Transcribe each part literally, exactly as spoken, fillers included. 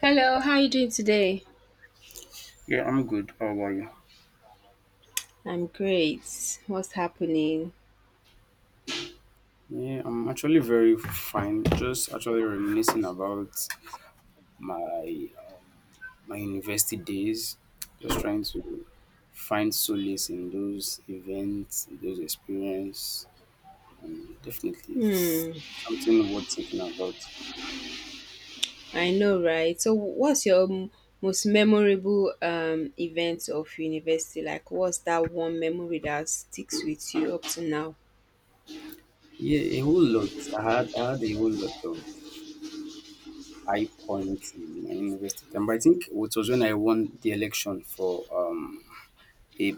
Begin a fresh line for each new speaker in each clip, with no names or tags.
Hello, how you doing today?
Yeah, I'm good. How about you?
I'm great. What's happening?
Yeah, I'm actually very fine. Just actually reminiscing about my uh, my university days. Just trying to find solace in those events, in those experiences. Definitely, it's
Hmm,
something worth thinking about.
I know, right? So, what's your m- most memorable um event of university? Like, what's that one memory that sticks with you up to now?
Yeah, a whole lot. I had I had a whole lot of high points in my university time. But I think it was when I won the election for um a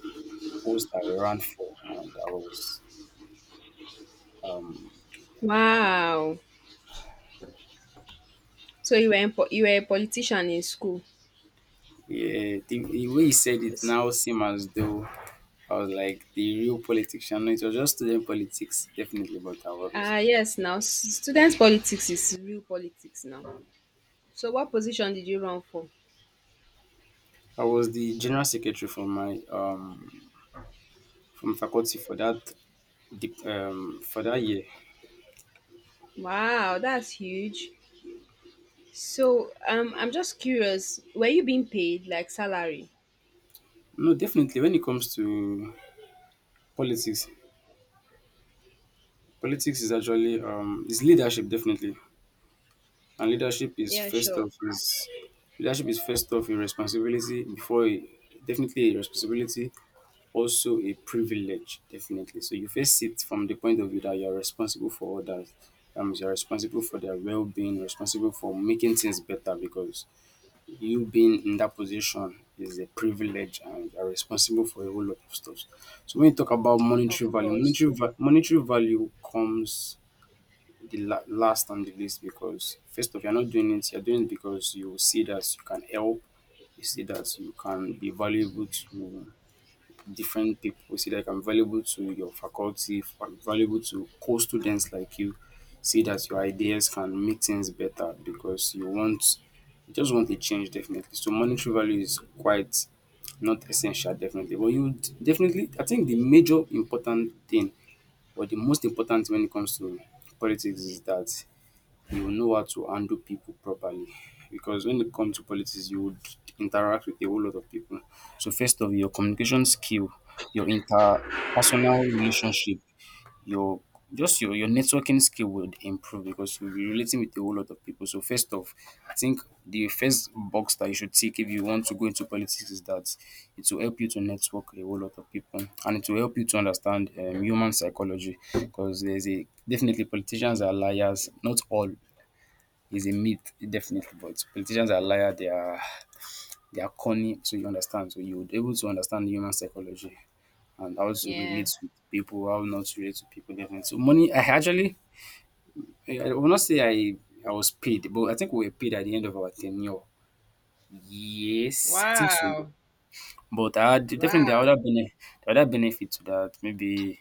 post I ran for, and I was.
Wow. So you were in, po- you were a politician in school.
Yeah, the, the way he said it
Yes.
now seem as though I was like the real politician. No, it was just student politics, definitely. But I was,
Ah, yes. Now, s- student politics is real politics now. So, what position did you run for?
I was the general secretary for my um from faculty for that dep- um for that year.
Wow, that's huge. So um, I'm just curious, were you being paid like salary?
No, definitely. When it comes to politics, politics is actually um is leadership definitely, and leadership is
Yeah,
first
sure.
off is leadership is first off a responsibility before a, definitely a responsibility also a privilege definitely. So you face it from the point of view that you're responsible for others. Um, you're responsible for their well-being, responsible for making things better because you being in that position is a privilege and you're responsible for a whole lot of stuff. So when you talk about
Of
monetary value,
course.
monetary va- monetary value comes the la- last on the list because first of all, you're not doing it, you're doing it because you see that you can help, you see that you can be valuable to different people. See, like I'm valuable to your faculty, if am valuable to co-students like you. See that your ideas can make things better because you want you just want a change definitely. So monetary value is quite not essential definitely. But you d- definitely I think the major important thing or the most important thing when it comes to politics is that you will know how to handle people properly. Because when it comes to politics, you would interact with a whole lot of people. So first of all, your communication skill, your interpersonal relationship, your just your, your networking skill would improve because you'll be relating with a whole lot of people. So first off, I think the first box that you should tick if you want to go into politics is that it will help you to network a whole lot of people and it will help you to understand um, human psychology because there's a definitely politicians are liars, not all, is a myth definitely but politicians are liar they are they are cunning so you understand so you would able to understand human psychology and how to
Yeah.
relate to people how not to relate to people definitely so money I actually i I will not say i i was paid but I think we were paid at the end of our tenure yes I think so
Wow.
but I had definitely the
Wow.
other benefit, the other benefit to that maybe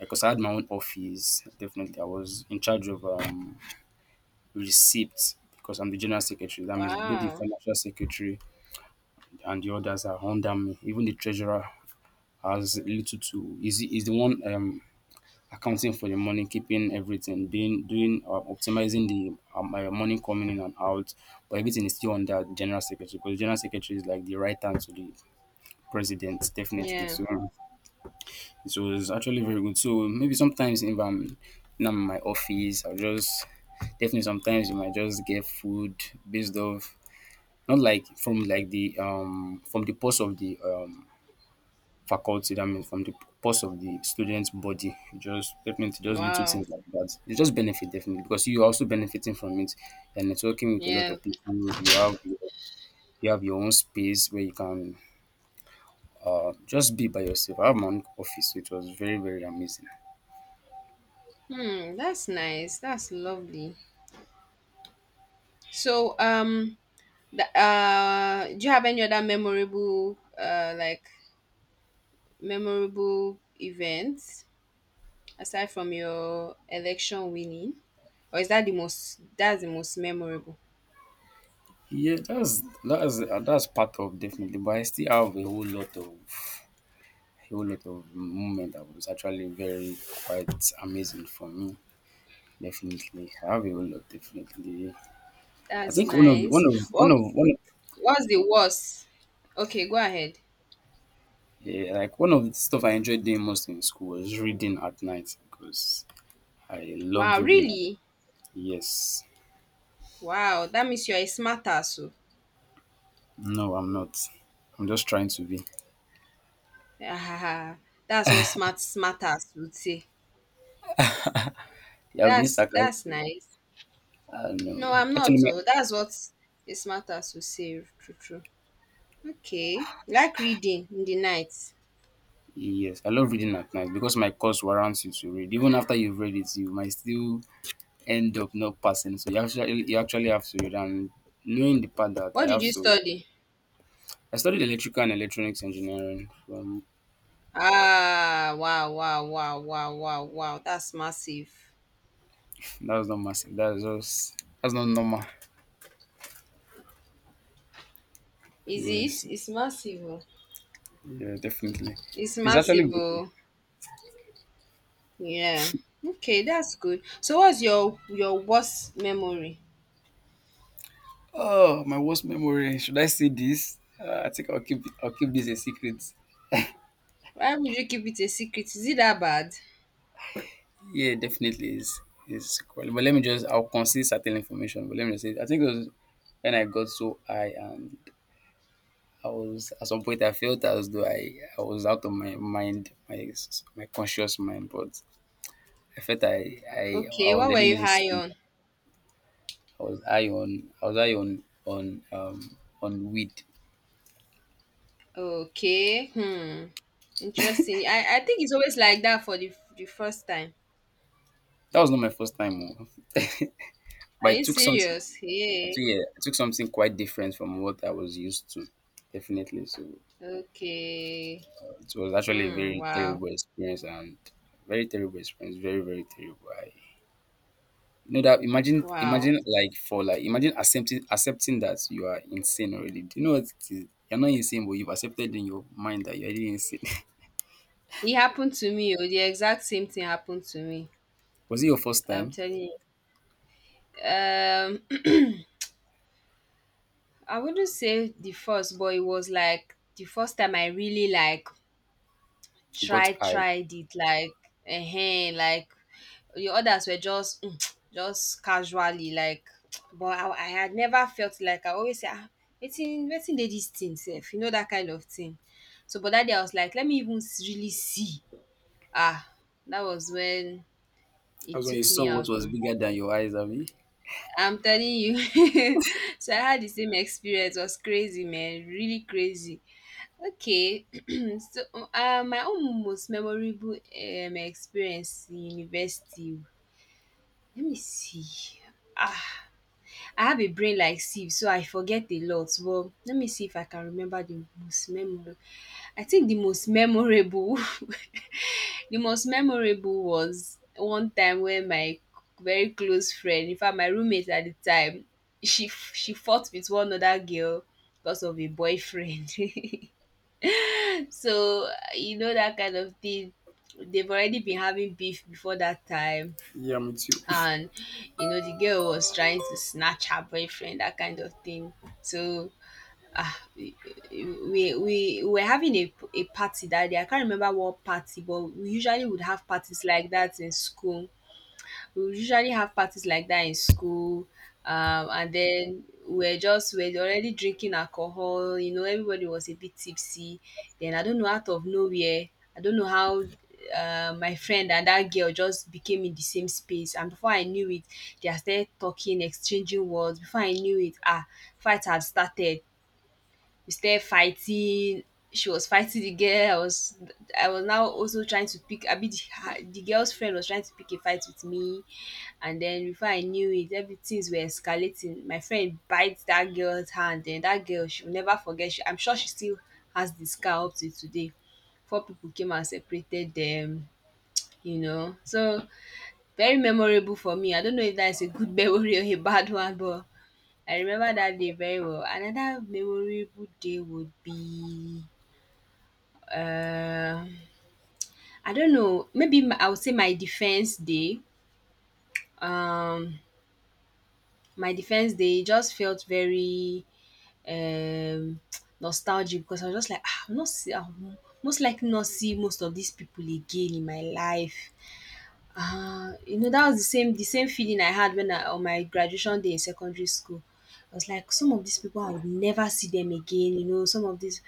because I had my own office definitely I was in charge of um receipts because I'm the general secretary that means both the
Wow.
financial secretary and the others are under me. Even the treasurer has little to is is the one um accounting for the money, keeping everything, being doing uh, optimizing the um, uh, money coming in and out. But everything is still under the general secretary because the general secretary is like the right hand to the president, definitely.
Yeah.
So it was actually very good. So maybe sometimes if I'm now in my office, I'll just definitely sometimes you might just get food based off not like from like the um from the post of the um faculty, that means from the purse of the students' body. Just definitely just little
Wow.
things like that. It's just benefit definitely because you're also benefiting from it. You're networking with a lot
Yeah.
of people. You have your, you have your own space where you can just be by yourself. I have my own office. So it was very very amazing.
Hmm. That's nice. That's lovely. So um, the, uh, do you have any other memorable uh like memorable events aside from your election winning, or is that the most? That's the most memorable.
Yeah, that's that's uh, that's part of definitely, but I still have a whole lot of a whole lot of moment that was actually very quite amazing for me. Definitely, I have a whole lot. Definitely, I
That's
think one of the-
nice.
one of one
Well.
of one.
What's the worst? Okay, go ahead.
Yeah, like one of the stuff I enjoyed doing most in school was reading at night because I loved
Wow,
reading. At,
really?
yes,
Wow, that means you're a smart ass. Oh.
no, I'm not. I'm just trying to be.
Ah, that's what smart smart ass would say.
Yeah, I've been
That's that's
sarcastic.
nice.
I
No,
know.
I'm
Actually,
not.
my,
Oh, that's what a smart ass would say. True, true. Okay. Like reading in the night.
yes, I love reading at night because my course warrants you to read. Even after you've read it, you might still end up not passing. So you actually you actually have to read. And knowing the part that I
What did
have
you
to,
study?
I studied electrical and electronics engineering from.
Ah, wow, wow, wow, wow, wow, wow. That's massive.
That's not massive. That's just that's not normal.
Is
Yes,
it? It's massive. Oh.
yeah, definitely.
It's
It's actually
massive.
good.
Oh. Yeah. Okay, that's good. So what's your your worst memory?
Oh, my worst memory. Should I say this? Uh, I think I'll keep I'll keep this a secret.
Why would you keep it a secret? Is it that bad?
Yeah, definitely is is quality. But let me just I'll conceal certain information. But let me just say I think it was when I got so high and I was at some point I felt as though I, I was out of my mind, my my conscious mind, but I felt I I, I
Okay,
was
what were
already
you high
in.
on?
I was high on I was high on on um on weed.
Okay. Hmm. Interesting. I, I think it's always like that for the the first time.
That was not my first time, oh.
Are
But I
you
took something.
serious?
I took,
Hey.
yeah, I took something quite different from what I was used to. Definitely, so
Okay.
it was actually a
Hmm.
very
Wow.
terrible experience and very terrible experience. Very very terrible. I you know that imagine
Wow.
imagine like for like imagine accepting accepting that you are insane already. Do you know what it is? You're not insane, but you've accepted in your mind that you're already insane.
It happened to me. Oh, the exact same thing happened to me.
Was it your first
I'm
time?
telling you. I wouldn't say the first, but it was like the first time I really like
You got
try
high.
tried it like eh like the others were just mm, just casually like but I, I had never felt like I always say ah wetin wetin dey this thing sef, you know, that kind of thing. So but that day I was like let me even s- really see ah, that was when it
That's when you
took
saw
me
what
out
was
though.
bigger than your eyes, Abby.
I'm telling you. So I had the same experience. It was crazy man, really crazy. Okay, so uh, my own most memorable um, experience in university. Let me see. Ah, I have a brain like sieve, so I forget a lot. Well, let me see if I can remember the most memorable. I think the most memorable, the most memorable was one time when my very close friend, in fact, my roommate at the time, she she fought with one other girl because of a boyfriend. So you know that kind of thing. They've already been having beef before that time, and you know the girl was trying to snatch her boyfriend, that kind of thing. So ah, we, we we were having a, a party that day. I can't remember what party, but we usually would have parties like that in school. We usually have parties like that in school Um, and then we're just we're already drinking alcohol. You know, everybody was a bit tipsy. Then I don't know, out of nowhere, I don't know how, uh, my friend and that girl just became in the same space, and before I knew it, they are started talking, exchanging words. Before I knew it, ah, fight had started. We started fighting. She was fighting the girl. I was I was now also trying to pick. I mean, the, her- the girl's friend was trying to pick a fight with me, and then before I knew it, everything's were escalating. My friend bites that girl's hand, and that girl, she'll never forget. She, I'm sure she still has the scar up to today. Four people came and separated them. You know, so very memorable for me. I don't know if that's a good memory or a bad one, but I remember that day very well. Another memorable day would be uh, I don't know, maybe my, I would say my defense day. Um, my defense day just felt very um, nostalgic, because I was just like, "Ah, I'm not see, I'm most likely not see most of these people again in my life. Ah, you know, that was the same the same feeling I had when I on my graduation day in secondary school. I was like, some of these people I would never see them again, you know, some of these,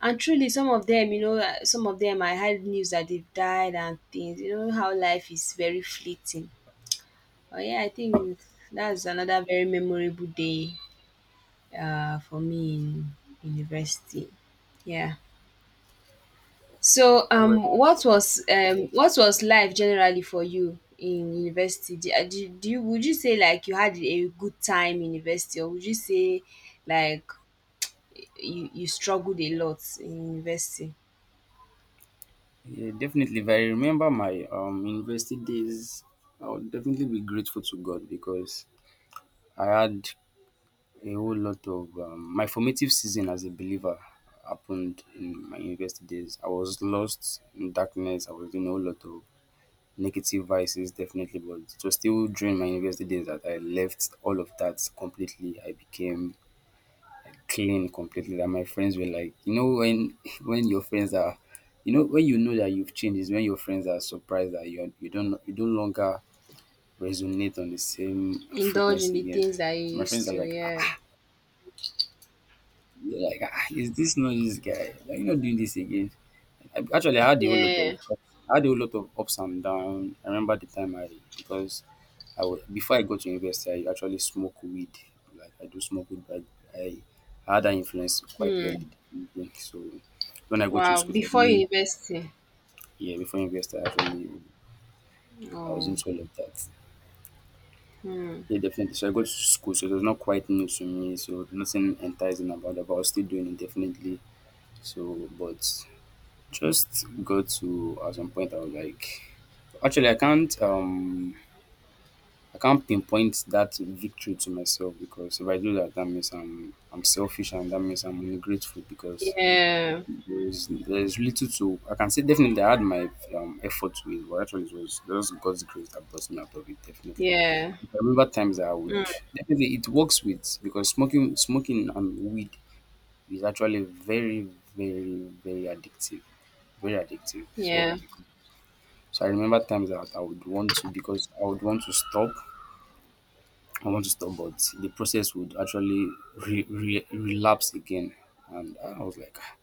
and truly some of them, you know, uh, some of them I heard news that they've died and things. You know how life is very fleeting. Oh yeah, I think that's another very memorable day uh for me in university. Yeah. So,
All right.
um, what was um, what was life generally for you in university? Do, uh, do, do you would you say like you had a good time in university, or would you say like you you struggled a lot in university?
Yeah, definitely. If I remember my um university days, I would definitely be grateful to God because I had a whole lot of um, my formative season as a believer happened in my university days. I was lost in darkness. I was doing a whole lot of negative vices, definitely. But it was still during my university days that I left all of that completely. I became clean completely that my friends were like you know when when your friends are you know when you know that you've changed is when your friends are surprised that you you don't you don't longer resonate on the same
Indulge in
frequency
the
again.
things that you
My friends
used
are
to,
like, "Ah,
yeah,
you're like, ah, is this not this guy? Are you not doing this again?" I, actually, I had a whole lot of,
yeah.
I had a whole lot of ups and downs. I remember the time I, because I was before I got to university, I actually smoke weed. Like I do smoke weed, but I, I had an influence quite
Hmm.
early. So when I got to
Wow.
school for
Before
me,
university.
yeah, before university, I actually I was
Oh.
into all of that.
Hmm.
Yeah, definitely. So I got to school, so it was not quite new to me. So nothing enticing about it, but I was still doing it definitely. So, but just go to at some point I was like actually I can't um I can't pinpoint that victory to myself because if I do that that means I'm I'm selfish and that means I'm ungrateful because
Yeah.
there's there's little to I can say definitely I had my um effort to it but actually it was just God's grace that brought me out of it definitely.
Yeah.
I remember times that I would
Mm.
definitely it works with because smoking smoking and weed is actually very very very addictive. Very addictive. So
Yeah.
because so I remember times that I would want to because I would want to stop. I want to stop, but the process would actually re- re- relapse again. And I was like, "Ah,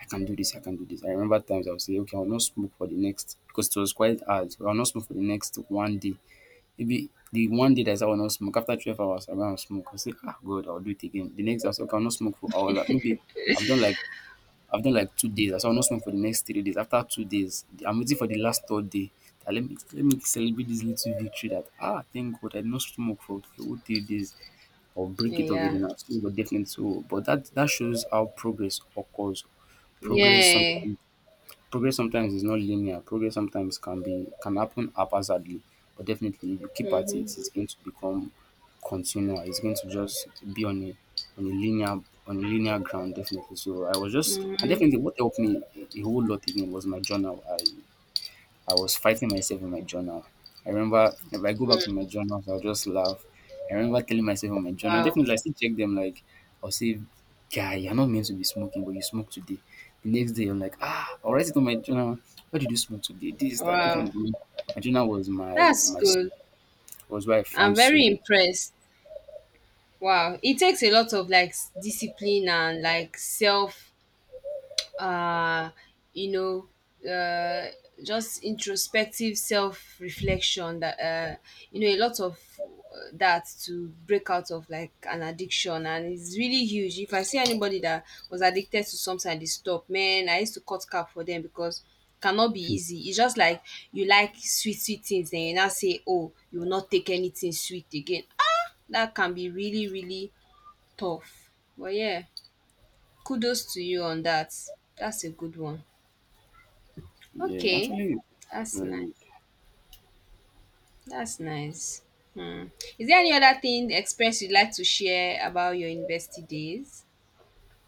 I can do this, I can do this." I remember times I would say, okay, I'll not smoke for the next, because it was quite hard. So, I'll not smoke for the next one day. Maybe the one day that I said I will not smoke, after twelve hours, I will not smoke. I say, ah, good, I'll do it again. The next day, I say, okay, I'll not smoke for hour. Like, maybe I've done like I've done like two days. I said I'll smoke for the next three days. After two days, I'm waiting for the last third day. That let me let me celebrate this little victory that ah thank God I did not smoke for the whole three days. I'll break it off
Yeah.
again. I'll smoke, but definitely so. But that that shows how progress occurs. Progress
Yeah.
sometimes Progress sometimes is not linear. Progress sometimes can be can happen haphazardly, but definitely if you keep at it,
Mhm.
it's going to become continual. It's going to just be on a on a linear on a linear ground, definitely. So I was just, and
Mhm.
definitely what helped me a whole lot again was my journal. I I was fighting myself in my journal. I remember if I go back
Mm.
to my journals, I'll just laugh. I remember telling myself in my journal,
Wow.
definitely. I still check them. Like, I'll say, guy, you're not meant to be smoking, but you smoke today. The next day I'm like, ah, I'll write it on my journal. Why did you smoke today? This, that,
Wow.
definitely my journal was my
That's
my
good.
was where I
I'm
found
very
solace.
impressed. Wow. It takes a lot of like s- discipline and like self uh you know uh just introspective self reflection that uh you know a lot of uh, that to break out of like an addiction, and it's really huge. If I see anybody that was addicted to something and they stop, man, I used to cut cap for them, because cannot be easy. It's just like you like sweet sweet things and you now say oh you will not take anything sweet again. Ah, that can be really really tough. But yeah, kudos to you on that. That's a good one.
Yeah,
Okay,
actually
that's
very
nice.
good.
That's nice. Hmm. Is there any other thing experience you'd like to share about your university days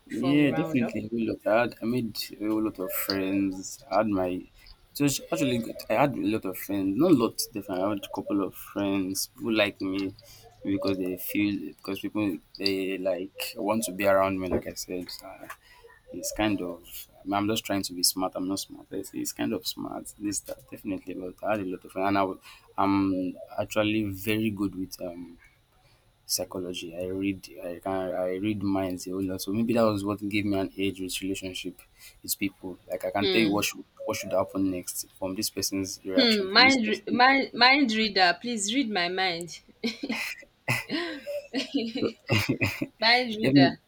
before we
Yeah,
round up?
definitely. We look. I had, I made a lot of friends. I had my, so it's actually good. I had a lot of friends. Not a lot, definitely. I had a couple of friends who like me, because they feel because people they like want to be around me. Like I said, so it's kind of. I mean, I'm just trying to be smart. I'm not smart. It's, it's kind of smart. This, that, definitely, but I had a lot of friends, and I, am actually very good with um psychology. I read I can I read minds a whole lot. So maybe that was what gave me an edge with relationship with people. Like, I can tell you
Hmm.
what should what should happen next from this person's reaction,
Hmm.
from this
Mind, re-
person.
mind, mind reader. Please read my mind. Mind
Definitely-
reader.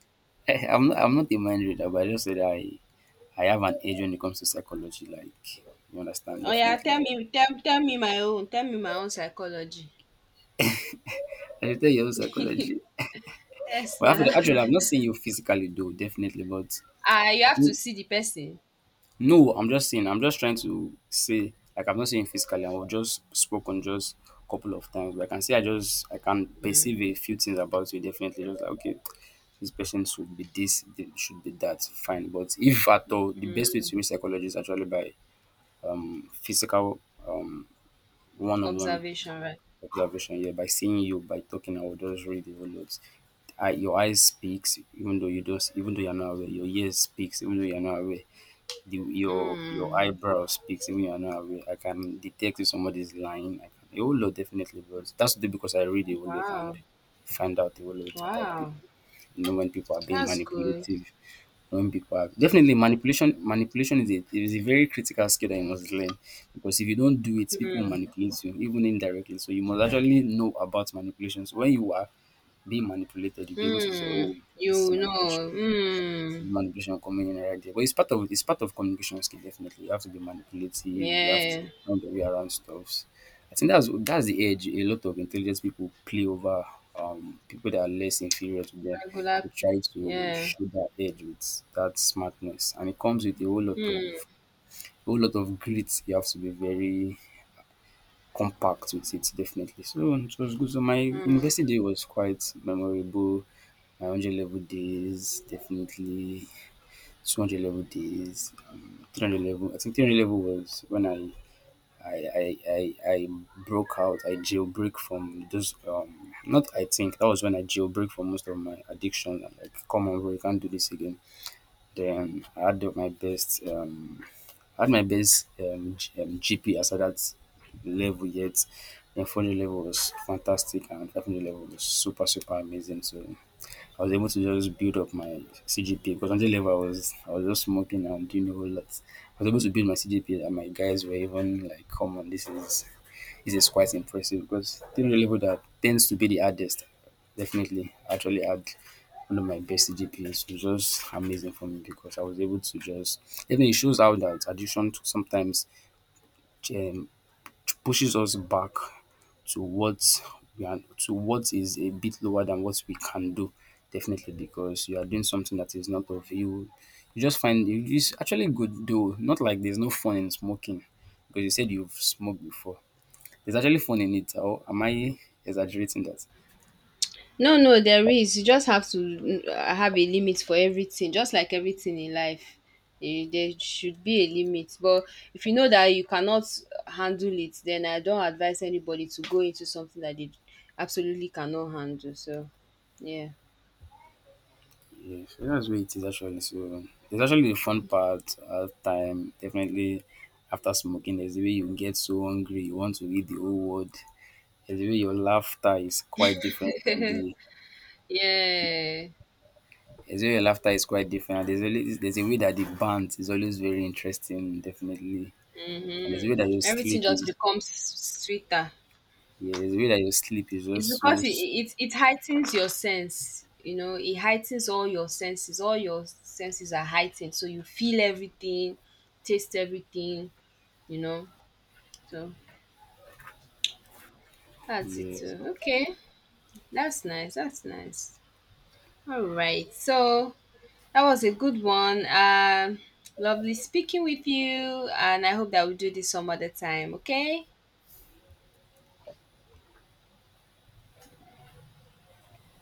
I'm not I'm not a mind reader, but I just said I I have an edge when it comes to psychology. Like, you understand,
Oh yeah, tell
definitely.
me, tell, tell me my own. Tell me my own psychology.
I should tell you your own psychology.
Yes,
Well, after
na.
the, actually, I've not seen you physically though, definitely, but
Ah, you have to see the person.
No, I'm just saying, I'm just trying to say, like, I am not saying physically. I've just spoken just a couple of times, but I can say I just I can
Mm,
perceive a few things about you, definitely. Just like, okay, this person should be this, they should be that, fine. But if at all, the best way
mm.
to reach psychology is actually by physical, um one-on-one
Observation, right?
observation. Yeah, by seeing you, by talking, I will just read the whole lot. I, your eyes speaks, even though you don't even though you're not aware. Your ears speaks, even though you're not aware. The your your
Mm.
eyebrow speaks, even you're not aware. I can detect if somebody's lying. I can a whole lot, definitely, but that's only because I read a whole lot and
Wow.
find out a whole lot about
Wow.
people. You know when people are being
That's good.
manipulative, when people are, definitely. Manipulation. Manipulation is a is a very critical skill that you must learn, because if you don't do it, people will
Mm.
manipulate you even indirectly. So you must actually know about manipulation. So when you are being manipulated, you'll be able to say,
Hmm.
"Oh, this is
You
manipulation."
know, Hmm.
Manipulation, communication, but it's part of it's part of communication skill. Definitely, you have to be manipulative. You have to
Yeah,
know the way around stuffs. I think that's that's the edge a lot of intelligent people play over um people that are less inferior to them.
regular,
They try to
yeah,
show that edge with that smartness, and it comes with a whole lot of
Hmm.
a whole lot of grit. You have to be very compact with it. Definitely, so it was good. So my
Mm.
university day was quite memorable. My hundred level days, definitely. two hundred level days, um, three hundred level. I think three hundred level was when I I I, I, I broke out. I jailbreak from those. Um, not, I think that was when I jailbreak from most of my addiction. Like, come on, bro, you can't do this again. Then I had my best. Um, I had my best, um, G, um, G P as at that level, yet. Then four hundred level was fantastic, and five hundred level was super super amazing. So. I was able to just build up my C G P A, because until then I was I was just smoking and doing a whole lot. I was able to build my C G P A, and my guys were even like, "Come on, this is this is quite impressive." Because the level that tends to be the hardest, definitely actually had one of my best C G P As. It was just amazing for me, because I was able to just. Even, it shows how that addiction to sometimes, um, pushes us back to what we are, to what is a bit lower than what we can do, definitely, because you are doing something that is not of you. You just find it is actually good, though. Not like there's no fun in smoking, because you said you've smoked before. There's actually fun in it, or am I exaggerating that?
No, no, there is. You just have to mm, uh, have a limit for everything, just like everything in life. Eh, there should be a limit, but if you know that you cannot handle it, then I don't advise anybody to go into something that they absolutely cannot handle. So, yeah.
Yeah, so that's where it is, actually. So there's actually the fun part at time, definitely. After smoking, there's the way you get so hungry you want to eat the whole world. There's a way your laughter is quite different from the
Yeah.
There's a way your laughter is quite different. And there's always there's a way that the band is always very interesting, definitely. And there's a way
Mm-hmm.
that your
Everything
sleep
just
is.
becomes sweeter.
Yeah, there's a way that your sleep is
It's
just so
because it,
s-.
it it heightens your sense. You know, it heightens all your senses. All your senses are heightened, so you feel everything, taste everything. You know, so that's it.
Yes.
Too. Okay, that's nice. That's nice. All right, so that was a good one. Um, lovely speaking with you, and I hope that we do this some other time. Okay.